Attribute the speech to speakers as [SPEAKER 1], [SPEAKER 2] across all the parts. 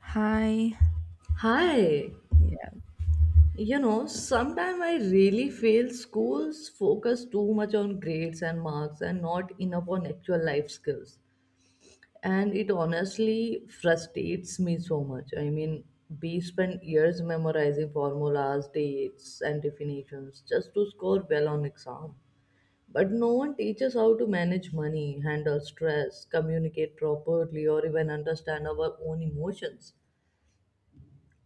[SPEAKER 1] Hi.
[SPEAKER 2] Hi,
[SPEAKER 1] Yeah.
[SPEAKER 2] you know, sometimes I really feel schools focus too much on grades and marks and not enough on actual life skills. And it honestly frustrates me so much. I mean, we spend years memorizing formulas, dates, and definitions just to score well on exam. But no one teaches how to manage money, handle stress, communicate properly, or even understand our own emotions.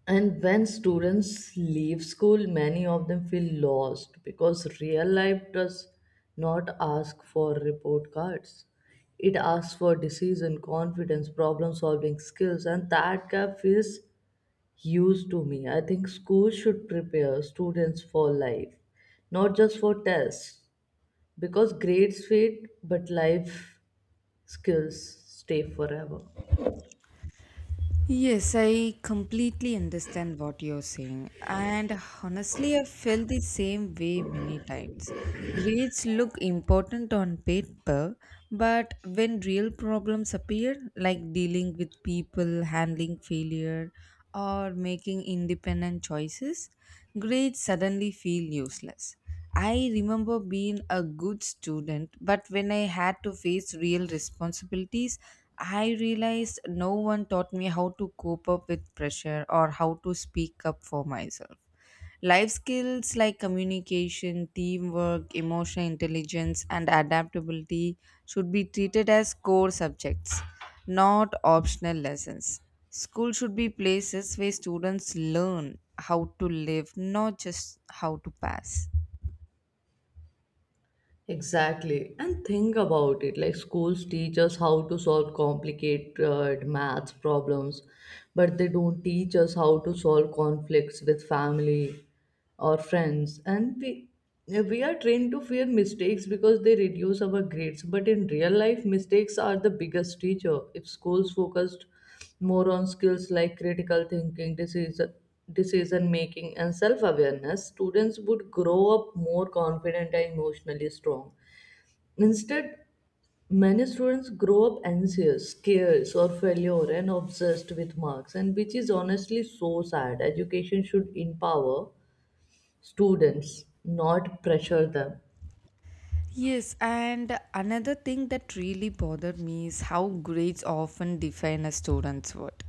[SPEAKER 2] And when students leave school, many of them feel lost because real life does not ask for report cards. It asks for decision, confidence, problem solving skills, and that gap feels huge to me. I think school should prepare students for life, not just for tests, because grades fade, but life skills stay forever.
[SPEAKER 1] Yes, I completely understand what you're saying. And honestly, I felt the same way many times. Grades look important on paper, but when real problems appear, like dealing with people, handling failure, or making independent choices, grades suddenly feel useless. I remember being a good student, but when I had to face real responsibilities, I realized no one taught me how to cope up with pressure or how to speak up for myself. Life skills like communication, teamwork, emotional intelligence, and adaptability should be treated as core subjects, not optional lessons. School should be places where students learn how to live, not just how to pass.
[SPEAKER 2] Exactly. And think about it like schools teach us how to solve complicated math problems, but they don't teach us how to solve conflicts with family or friends. And we are trained to fear mistakes because they reduce our grades, but in real life, mistakes are the biggest teacher. If schools focused more on skills like critical thinking, decision making and self awareness, students would grow up more confident and emotionally strong. Instead, many students grow up anxious, scared, or failure and obsessed with marks, and which is honestly so sad. Education should empower students, not pressure them.
[SPEAKER 1] Yes, and another thing that really bothered me is how grades often define a student's worth.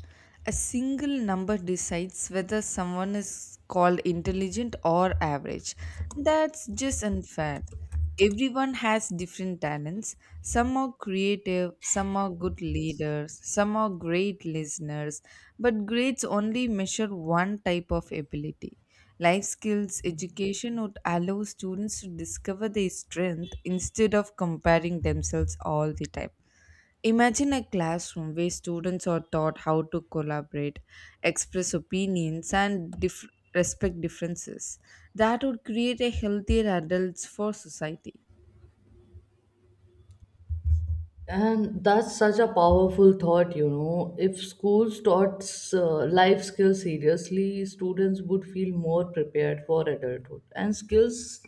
[SPEAKER 1] A single number decides whether someone is called intelligent or average. That's just unfair. Everyone has different talents. Some are creative, some are good leaders, some are great listeners, but grades only measure one type of ability. Life skills education would allow students to discover their strength instead of comparing themselves all the time. Imagine a classroom where students are taught how to collaborate, express opinions, and respect differences. That would create a healthier adults for society.
[SPEAKER 2] And that's such a powerful thought, you know. If schools taught life skills seriously, students would feel more prepared for adulthood. And skills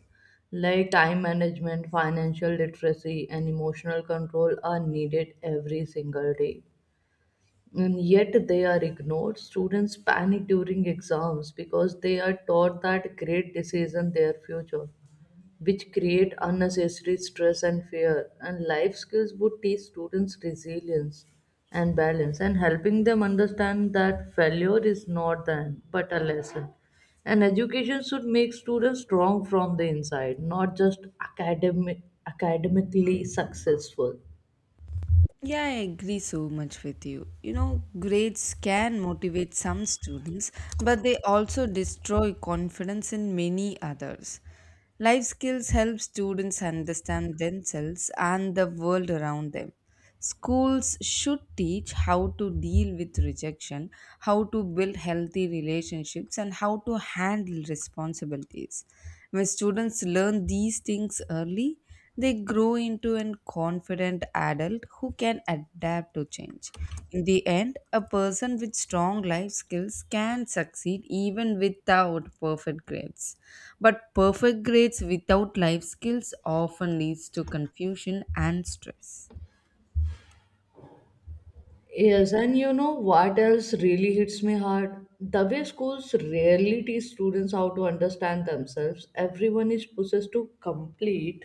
[SPEAKER 2] like time management, financial literacy, and emotional control are needed every single day. And yet they are ignored. Students panic during exams because they are taught that great decisions their future which create unnecessary stress and fear. And life skills would teach students resilience and balance and helping them understand that failure is not the end but a lesson. And education should make students strong from the inside, not just academically successful.
[SPEAKER 1] Yeah, I agree so much with you. Grades can motivate some students, but they also destroy confidence in many others. Life skills help students understand themselves and the world around them. Schools should teach how to deal with rejection, how to build healthy relationships, and how to handle responsibilities. When students learn these things early, they grow into a confident adult who can adapt to change. In the end, a person with strong life skills can succeed even without perfect grades. But perfect grades without life skills often leads to confusion and stress.
[SPEAKER 2] Yes, and you know what else really hits me hard? The way schools rarely teach students how to understand themselves, everyone is possessed to complete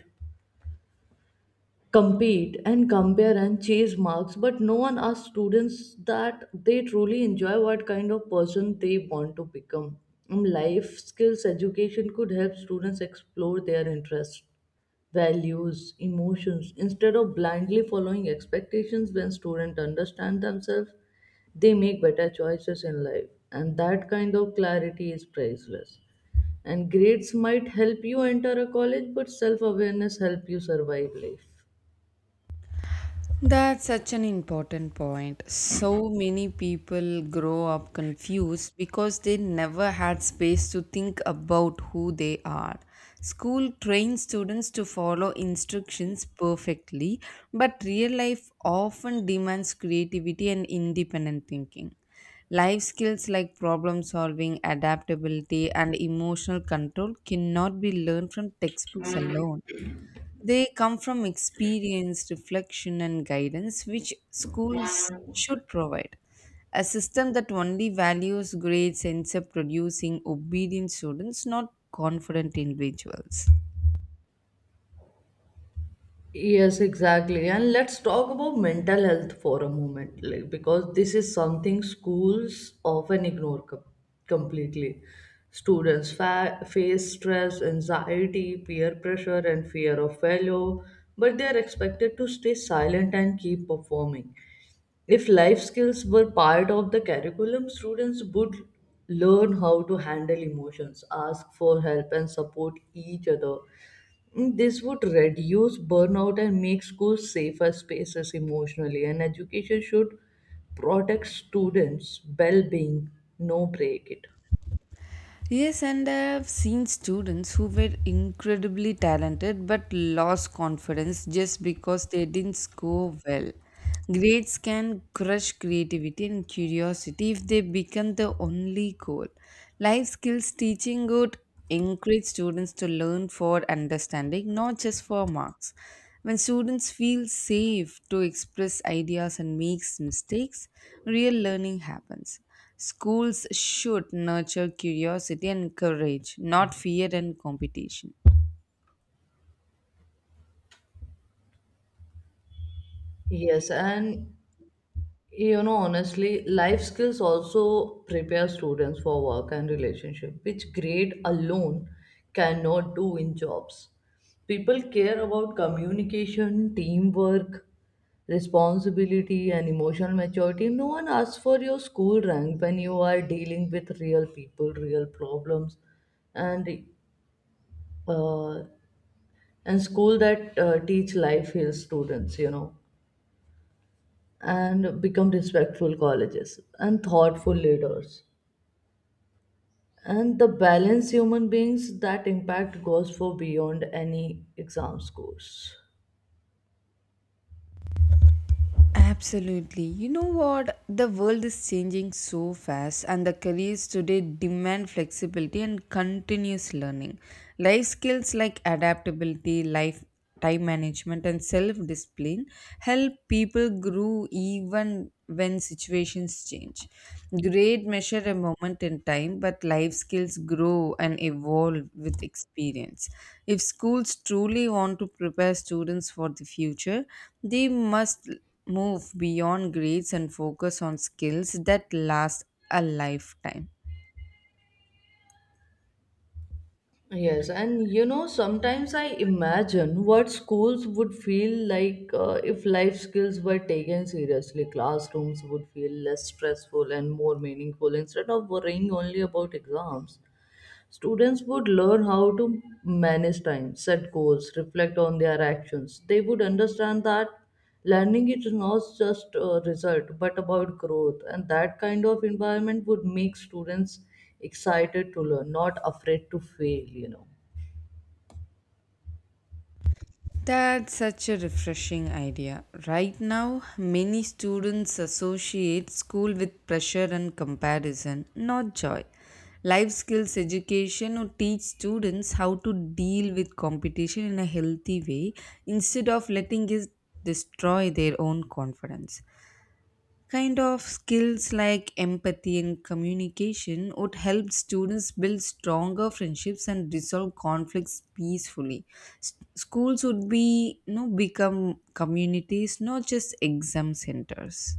[SPEAKER 2] compete and compare and chase marks, but no one asks students that they truly enjoy what kind of person they want to become. Life skills education could help students explore their interests, values, emotions instead of blindly following expectations. When students understand themselves, they make better choices in life, and that kind of clarity is priceless. And grades might help you enter a college, but self awareness help you survive life.
[SPEAKER 1] That's such an important point. So many people grow up confused because they never had space to think about who they are. School trains students to follow instructions perfectly, but real life often demands creativity and independent thinking. Life skills like problem solving, adaptability, and emotional control cannot be learned from textbooks alone. They come from experience, reflection, and guidance, which schools should provide. A system that only values grades ends up producing obedient students, not confident individuals.
[SPEAKER 2] Yes, exactly. And let's talk about mental health for a moment, like because this is something schools often ignore completely. Students face stress, anxiety, peer pressure, and fear of failure, but they are expected to stay silent and keep performing. If life skills were part of the curriculum, students would learn how to handle emotions, ask for help, and support each other. This would reduce burnout and make schools safer spaces emotionally. And education should protect students' well being, no break it.
[SPEAKER 1] Yes, and I've seen students who were incredibly talented but lost confidence just because they didn't score well. Grades can crush creativity and curiosity if they become the only goal. Life skills teaching would encourage students to learn for understanding, not just for marks. When students feel safe to express ideas and makes mistakes, real learning happens. Schools should nurture curiosity and courage, not fear and competition.
[SPEAKER 2] Yes, and you know, honestly, life skills also prepare students for work and relationship, which grade alone cannot do in jobs. People care about communication, teamwork, responsibility and emotional maturity. No one asks for your school rank when you are dealing with real people, real problems, and uh, and school that teach life skills students, you know, and become respectful colleges and thoughtful leaders. And the balanced human beings that impact goes for beyond any exam scores.
[SPEAKER 1] Absolutely. You know what? The world is changing so fast, and the careers today demand flexibility and continuous learning. Life skills like adaptability, life time management, and self discipline help people grow even when situations change. Grade measure a moment in time, but life skills grow and evolve with experience. If schools truly want to prepare students for the future, they must move beyond grades and focus on skills that last a lifetime.
[SPEAKER 2] Yes, and you know, sometimes I imagine what schools would feel like if life skills were taken seriously. Classrooms would feel less stressful and more meaningful instead of worrying only about exams. Students would learn how to manage time, set goals, reflect on their actions. They would understand that learning is not just a result but about growth, and that kind of environment would make students excited to learn, not afraid to fail, you know.
[SPEAKER 1] That's such a refreshing idea. Right now, many students associate school with pressure and comparison, not joy. Life skills education would teach students how to deal with competition in a healthy way instead of letting it destroy their own confidence. Kind of skills like empathy and communication would help students build stronger friendships and resolve conflicts peacefully. Schools would be become communities, not just exam centers.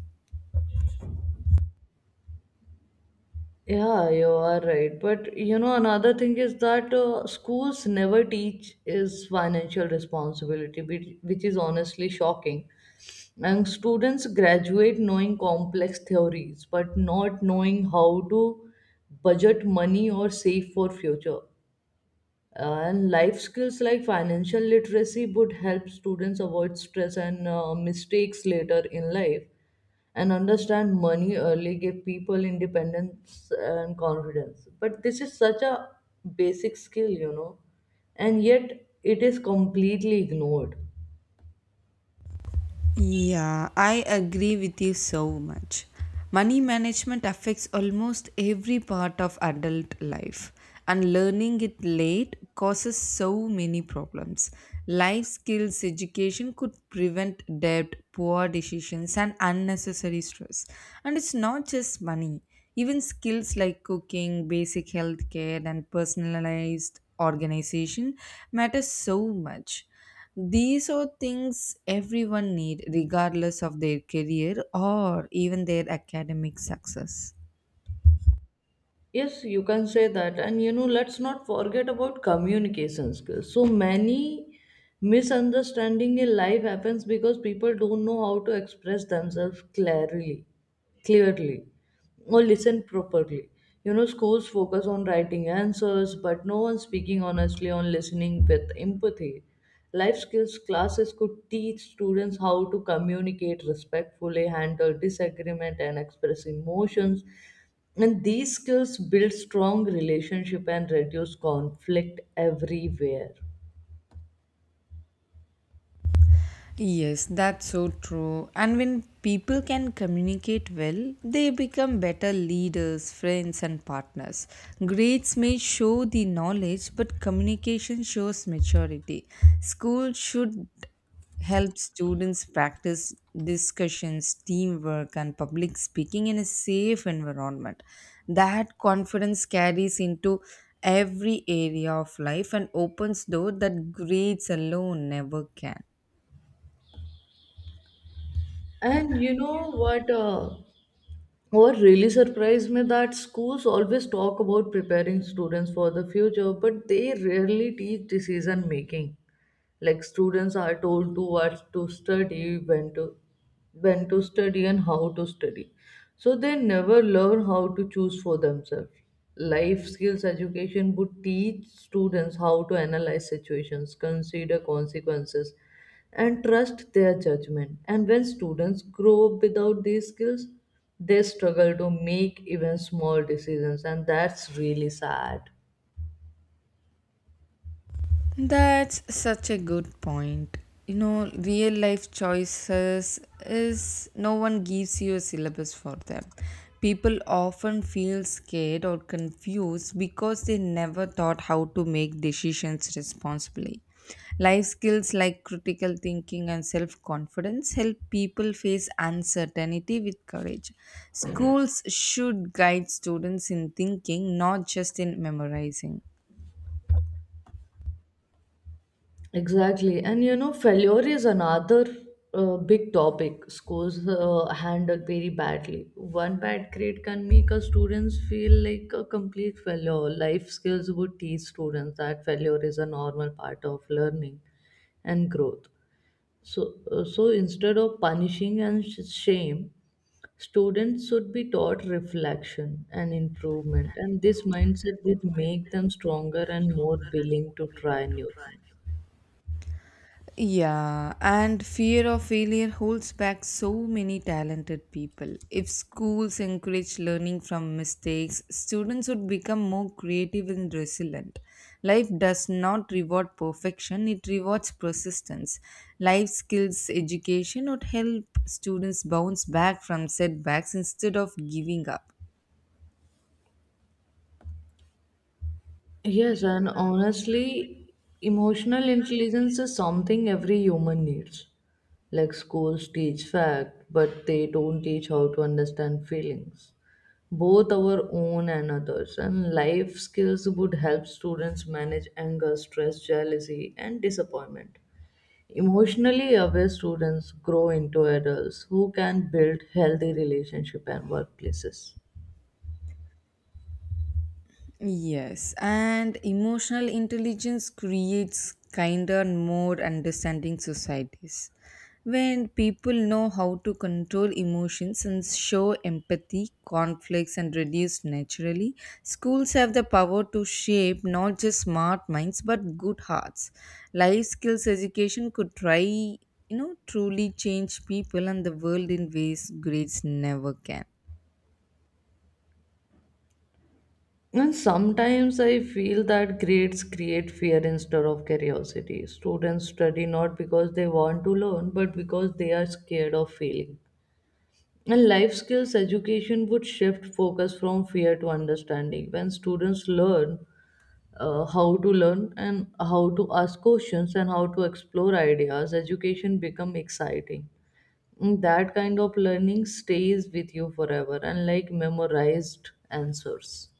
[SPEAKER 2] Yeah, you are right. But you know, another thing is that schools never teach is financial responsibility, which is honestly shocking. And students graduate knowing complex theories, but not knowing how to budget money or save for future. And life skills like financial literacy would help students avoid stress and mistakes later in life and understand money early gave people independence and confidence. But this is such a basic skill, you know, and yet it is completely ignored.
[SPEAKER 1] Yeah, I agree with you so much. Money management affects almost every part of adult life, and learning it late causes so many problems. Life skills education could prevent debt, poor decisions, and unnecessary stress. And it's not just money, even skills like cooking, basic health care, and personalized organization matter so much. These are things everyone need regardless of their career or even their academic success.
[SPEAKER 2] Yes, you can say that. And you know, let's not forget about communication skills. So many misunderstanding in life happens because people don't know how to express themselves clearly, or listen properly. You know, schools focus on writing answers, but no one speaking honestly on listening with empathy. Life skills classes could teach students how to communicate respectfully, handle disagreement, and express emotions and these skills build strong relationship and reduce conflict everywhere.
[SPEAKER 1] Yes, that's so true. And when people can communicate well, they become better leaders, friends, and partners. Grades may show the knowledge, but communication shows maturity. School should help students practice discussions, teamwork, and public speaking in a safe environment. That confidence carries into every area of life and opens doors that grades alone never can.
[SPEAKER 2] And you know what? What really surprised me that schools always talk about preparing students for the future, but they rarely teach decision making. Like students are told to what to study when to study and how to study, so they never learn how to choose for themselves. Life skills education would teach students how to analyze situations, consider consequences, and trust their judgment. And when students grow up without these skills, they struggle to make even small decisions, and that's really sad.
[SPEAKER 1] That's such a good point. Real life choices is no one gives you a syllabus for them. People often feel scared or confused because they never taught how to make decisions responsibly. Life skills like critical thinking and self confidence help people face uncertainty with courage. Schools should guide students in thinking, not just in memorizing.
[SPEAKER 2] Exactly. And you know, failure is another big topic schools handle very badly. One bad grade can make a students feel like a complete failure. Life skills would teach students that failure is a normal part of learning and growth. So instead of punishing and shame, students should be taught reflection and improvement. And this mindset would make them stronger and more willing to try new things.
[SPEAKER 1] Yeah, and fear of failure holds back so many talented people. If schools encourage learning from mistakes, students would become more creative and resilient. Life does not reward perfection, it rewards persistence. Life skills education would help students bounce back from setbacks instead of giving up.
[SPEAKER 2] Yes, and honestly, emotional intelligence is something every human needs. Like schools teach fact, but they don't teach how to understand feelings, both our own and others. And life skills would help students manage anger, stress, jealousy, and disappointment. Emotionally aware students grow into adults who can build healthy relationships and workplaces.
[SPEAKER 1] Yes, and emotional intelligence creates kinder and more understanding societies. When people know how to control emotions and show empathy, conflicts, and reduce naturally, schools have the power to shape not just smart minds but good hearts. Life skills education could try, truly change people and the world in ways grades never can.
[SPEAKER 2] And sometimes I feel that grades create fear instead of curiosity. Students study not because they want to learn, but because they are scared of failing. And life skills education would shift focus from fear to understanding. When students learn how to learn and how to ask questions and how to explore ideas, education become exciting. And that kind of learning stays with you forever, unlike memorized answers.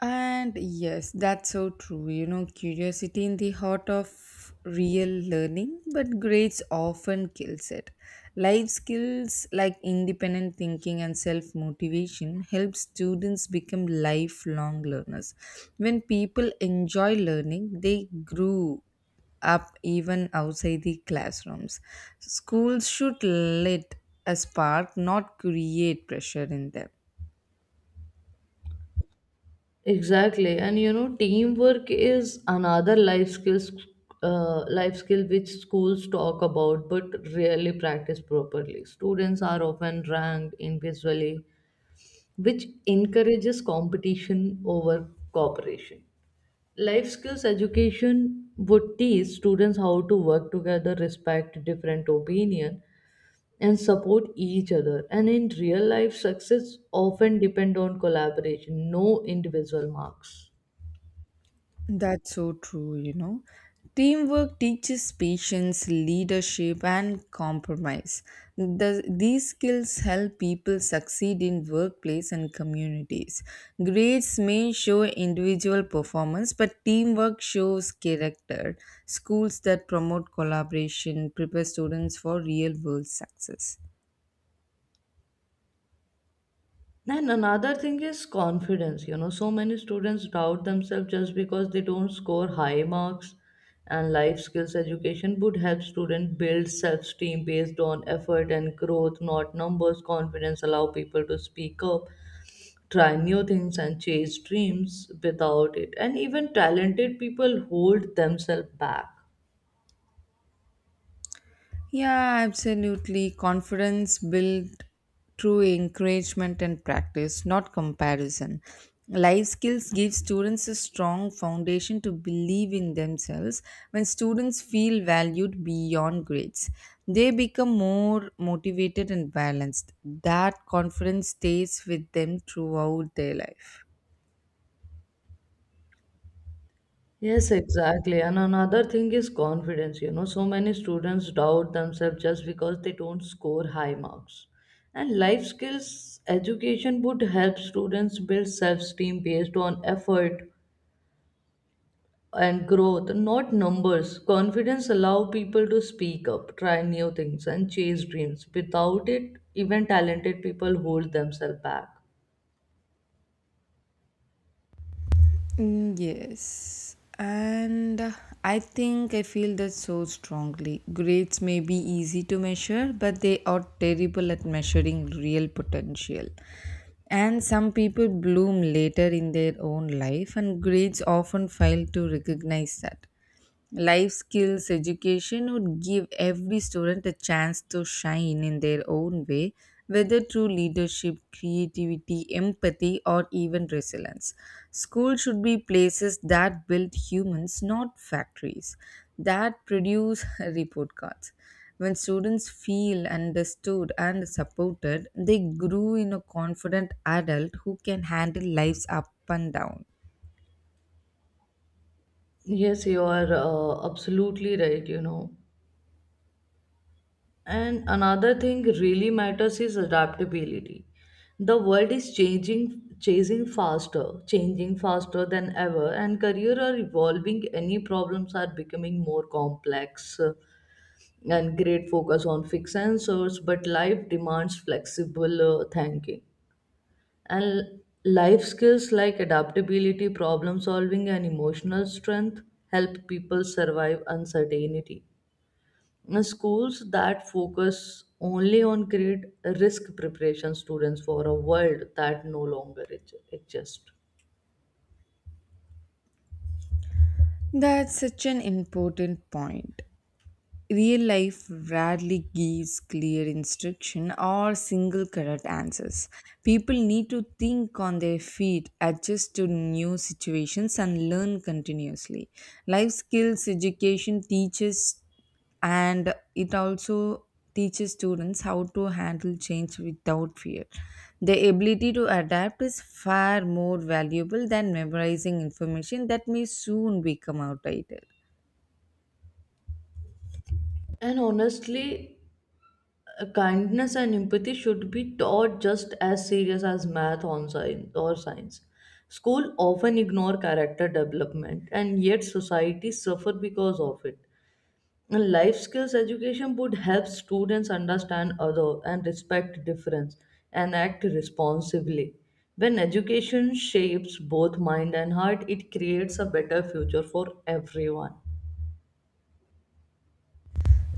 [SPEAKER 1] And yes, that's so true. Curiosity in the heart of real learning, but grades often kills it. Life skills like independent thinking and self-motivation help students become lifelong learners. When people enjoy learning, they grow up even outside the classrooms. Schools should let a spark, not create pressure in them.
[SPEAKER 2] Exactly, and you know, teamwork is another life skill which schools talk about but rarely practice properly. Students are often ranked individually, which encourages competition over cooperation. Life skills education would teach students how to work together, respect different opinion, and support each other. And in real life, success often depend on collaboration, no individual marks.
[SPEAKER 1] That's so true. Teamwork teaches patience, leadership, and compromise. The, these skills help people succeed in workplace and communities. Grades may show individual performance, but teamwork shows character. Schools that promote collaboration prepare students for real world success.
[SPEAKER 2] And another thing is confidence. You know, so many students doubt themselves just because they don't score high marks. And life skills education would help students build self esteem based on effort and growth, not numbers. Confidence allow people to speak up, try new things, and chase dreams without it. And even talented people hold themselves back.
[SPEAKER 1] Yeah, absolutely. Confidence built through encouragement and practice, not comparison. Life skills give students a strong foundation to believe in themselves. When students feel valued beyond grades, they become more motivated and balanced. That confidence stays with them throughout their life.
[SPEAKER 2] Yes, exactly. And another thing is confidence. You know, so many students doubt themselves just because they don't score high marks. And life skills education would help students build self esteem based on effort and growth, not numbers. Confidence allow people to speak up, try new things, and chase dreams. Without it, even talented people hold themselves back.
[SPEAKER 1] Mm, yes, and I think I feel that so strongly. Grades may be easy to measure, but they are terrible at measuring real potential. And some people bloom later in their own life, and grades often fail to recognize that. Life skills education would give every student a chance to shine in their own way, whether through leadership, creativity, empathy, or even resilience. Schools should be places that build humans, not factories that produce report cards. When students feel understood and supported, they grow in a confident adult who can handle life's up and down.
[SPEAKER 2] Yes, you are absolutely right, you know. And another thing really matters is adaptability. The world is changing faster than ever, and career are evolving. Any problems are becoming more complex, and great focus on fixed answers. But life demands flexible thinking and life skills like adaptability, problem solving, and emotional strength help people survive uncertainty. Now, schools that focus only on grade risk preparation students for a world that no longer exists.
[SPEAKER 1] That's such an important point. Real life rarely gives clear instruction or single correct answers. People need to think on their feet, adjust to new situations, and learn continuously. Life skills education teaches and it also teaches students how to handle change without fear. The ability to adapt is far more valuable than memorizing information that may soon become outdated.
[SPEAKER 2] And honestly, kindness and empathy should be taught just as serious as math on science or science. School often ignore character development and yet society suffer because of it. And life skills education would help students understand other and respect difference and act responsibly. When education shapes both mind and heart, it creates a better future for everyone.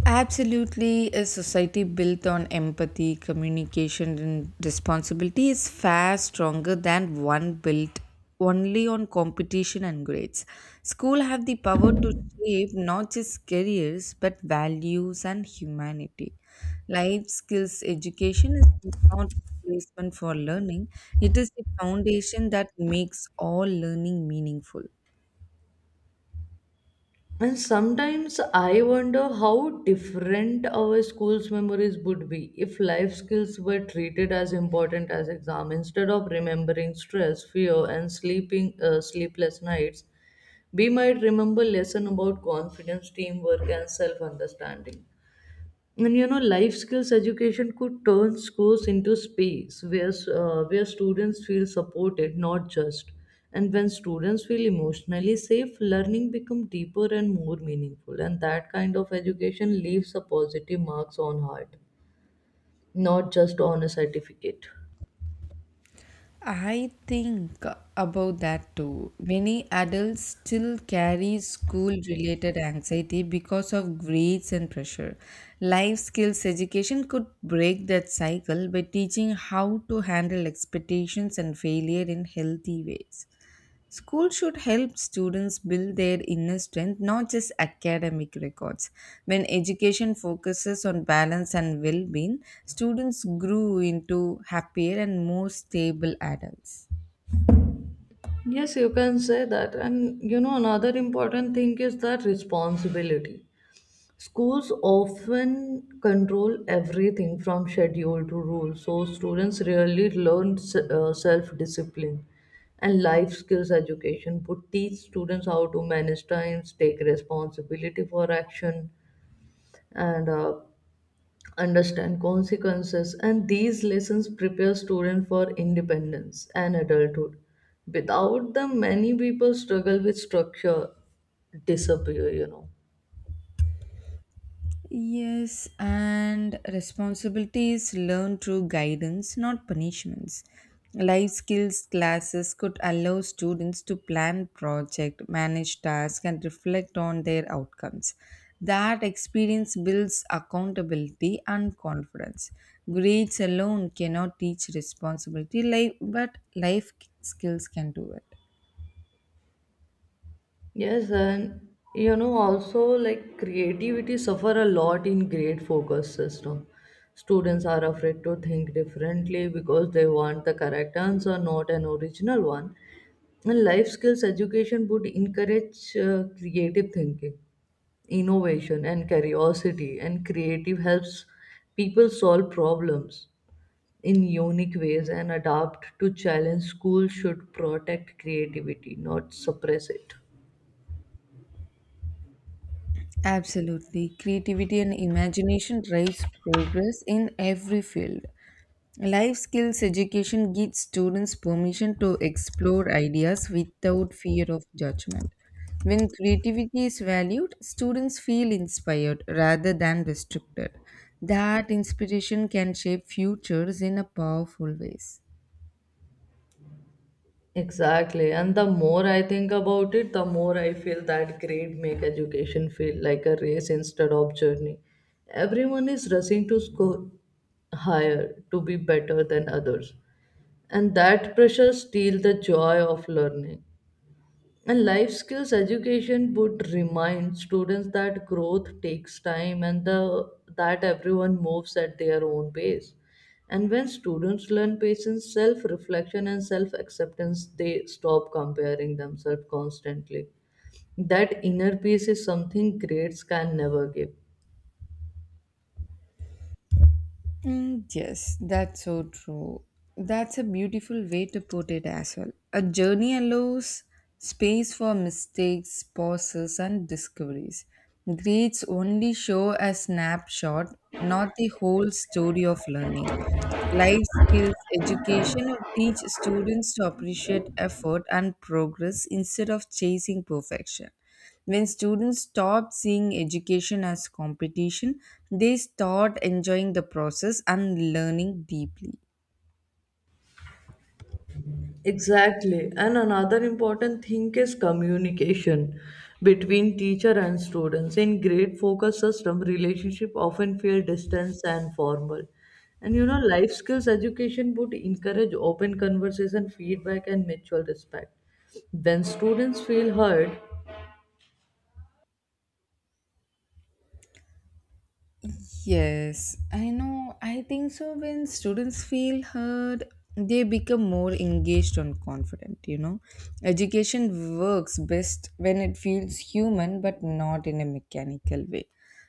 [SPEAKER 1] Absolutely, a society built on empathy, communication, and responsibility is far stronger than one built only on competition and grades. School have the power to shape not just careers but values and humanity. Life skills education is not replacement for learning; it is the foundation that makes all learning meaningful.
[SPEAKER 2] And sometimes I wonder how different our school's memories would be if life skills were treated as important as exam instead of remembering stress, fear, and sleeping sleepless nights. We might remember lesson about confidence, teamwork, and self understanding. And you know, life skills education could turn schools into space where students feel supported, not just. And when students feel emotionally safe, learning becomes deeper and more meaningful, and that kind of education leaves a positive marks on heart, not just on a certificate.
[SPEAKER 1] I think about that too. Many adults still carry school related anxiety because of grades and pressure. Life skills education could break that cycle by teaching how to handle expectations and failure in healthy ways. School should help students build their inner strength, not just academic records. When education focuses on balance and well being, students grow into happier and more stable adults.
[SPEAKER 2] Yes, you can say that. And you know, another important thing is that responsibility. Schools often control everything from schedule to rules, so students rarely learn self discipline. And life skills education would teach students how to manage times, take responsibility for action, and understand consequences. And these lessons prepare students for independence and adulthood. Without them, many people struggle with structure, disappear, you know.
[SPEAKER 1] Yes, and responsibilities learned through guidance, not punishments. Life skills classes could allow students to plan project, manage tasks, and reflect on their outcomes. That experience builds accountability and confidence. Grades alone cannot teach responsibility, but life skills can do it.
[SPEAKER 2] Yes, and you know, also like creativity suffer a lot in grade focus system. Students are afraid to think differently because they want the correct answer, not an original one. And life skills education would encourage creative thinking, innovation, and curiosity. And creative helps people solve problems in unique ways and adapt to challenge. Schools should protect creativity, not suppress it.
[SPEAKER 1] Absolutely. Creativity and imagination drives progress in every field. Life skills education gives students permission to explore ideas without fear of judgment. When creativity is valued, students feel inspired rather than restricted. That inspiration can shape futures in a powerful ways.
[SPEAKER 2] Exactly. And the more I think about it, the more I feel that grade make education feel like a race instead of journey. Everyone is rushing to score higher, to be better than others. And that pressure steals the joy of learning. And life skills education would remind students that growth takes time and that everyone moves at their own pace. And when students learn patience, self reflection, and self acceptance, they stop comparing themselves constantly. That inner peace is something grades can never give.
[SPEAKER 1] Mm, yes, that's so true. That's a beautiful way to put it as well. A journey allows space for mistakes, pauses, and discoveries. Grades only show a snapshot, not the whole story of learning. Life skills education or teach students to appreciate effort and progress instead of chasing perfection. When students stop seeing education as competition, they start enjoying the process and learning deeply.
[SPEAKER 2] Exactly. And another important thing is communication between teacher and students. In grade focus system, relationship often feel distance and formal. And you know, life skills education would encourage open conversation, feedback, and mutual respect. When students feel heard,
[SPEAKER 1] Yes, I know. I think so. When students feel heard, they become more engaged and confident. Education works best when it feels human but not in a mechanical way.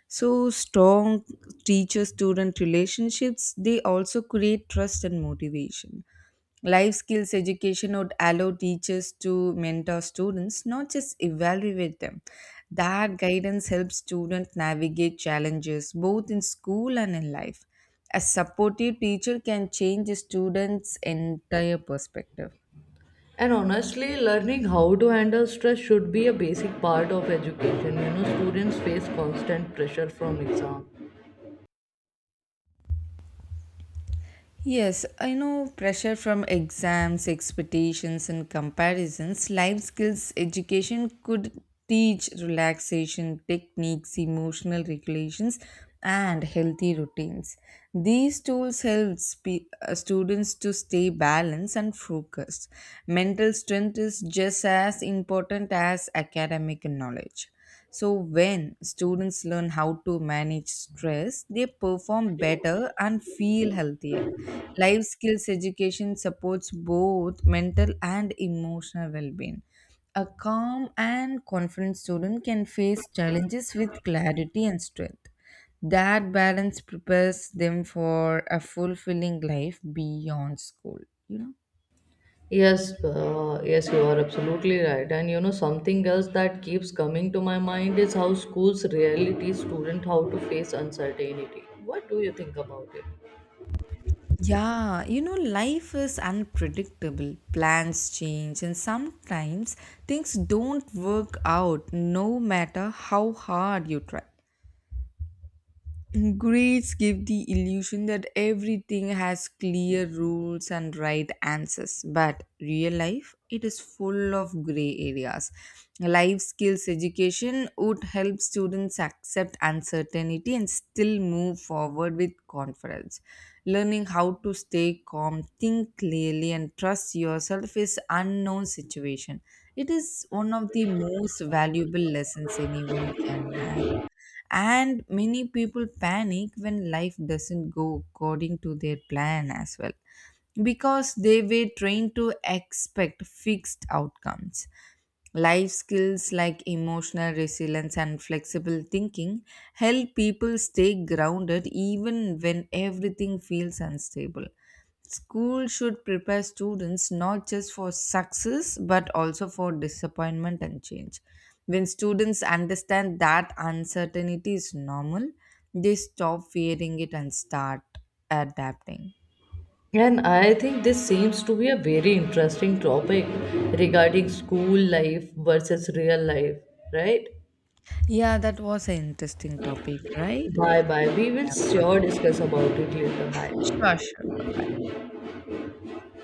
[SPEAKER 1] So, strong teacher student relationships they also create trust and motivation. Life skills education would allow teachers to mentor students, not just evaluate them. That guidance helps students navigate challenges both in school and in life. A supportive teacher can change a student's entire perspective.
[SPEAKER 2] and honestly, learning how to handle stress should be a basic part of education. You know, students face constant pressure from exam.
[SPEAKER 1] Yes, I know pressure from exams, expectations, and comparisons. Life skills education could teach relaxation techniques, emotional regulations, and healthy routines. These tools help students to stay balanced and focused. Mental strength is just as important as academic knowledge. So, when students learn how to manage stress, they perform better and feel healthier. Life skills education supports both mental and emotional well being. A calm and confident student can face challenges with clarity and strength. That balance prepares them for a fulfilling life beyond school, you know.
[SPEAKER 2] Yes, you are absolutely right. And you know, something else that keeps coming to my mind is how schools rarely teach students how to face uncertainty. What do you think about it?
[SPEAKER 1] Yeah, life is unpredictable. Plans change, and sometimes things don't work out no matter how hard you try. Grades give the illusion that everything has clear rules and right answers, but real life it is full of gray areas. Life skills education would help students accept uncertainty and still move forward with confidence. Learning how to stay calm, think clearly, and trust yourself is unknown situation. It is one of the most valuable lessons anyone can have, and many people panic when life doesn't go according to their plan as well because they were trained to expect fixed outcomes. Life skills like emotional resilience and flexible thinking help people stay grounded even when everything feels unstable. School should prepare students not just for success but also for disappointment and change. When students understand that uncertainty is normal, they stop fearing it and start adapting.
[SPEAKER 2] And I think this seems to be a very interesting topic regarding school life versus real life, right?
[SPEAKER 1] Yeah, that was an interesting topic, right?
[SPEAKER 2] Bye bye. We will
[SPEAKER 1] Yeah,
[SPEAKER 2] sure
[SPEAKER 1] perfect.
[SPEAKER 2] discuss about it later. Bye.
[SPEAKER 1] Sure, sure.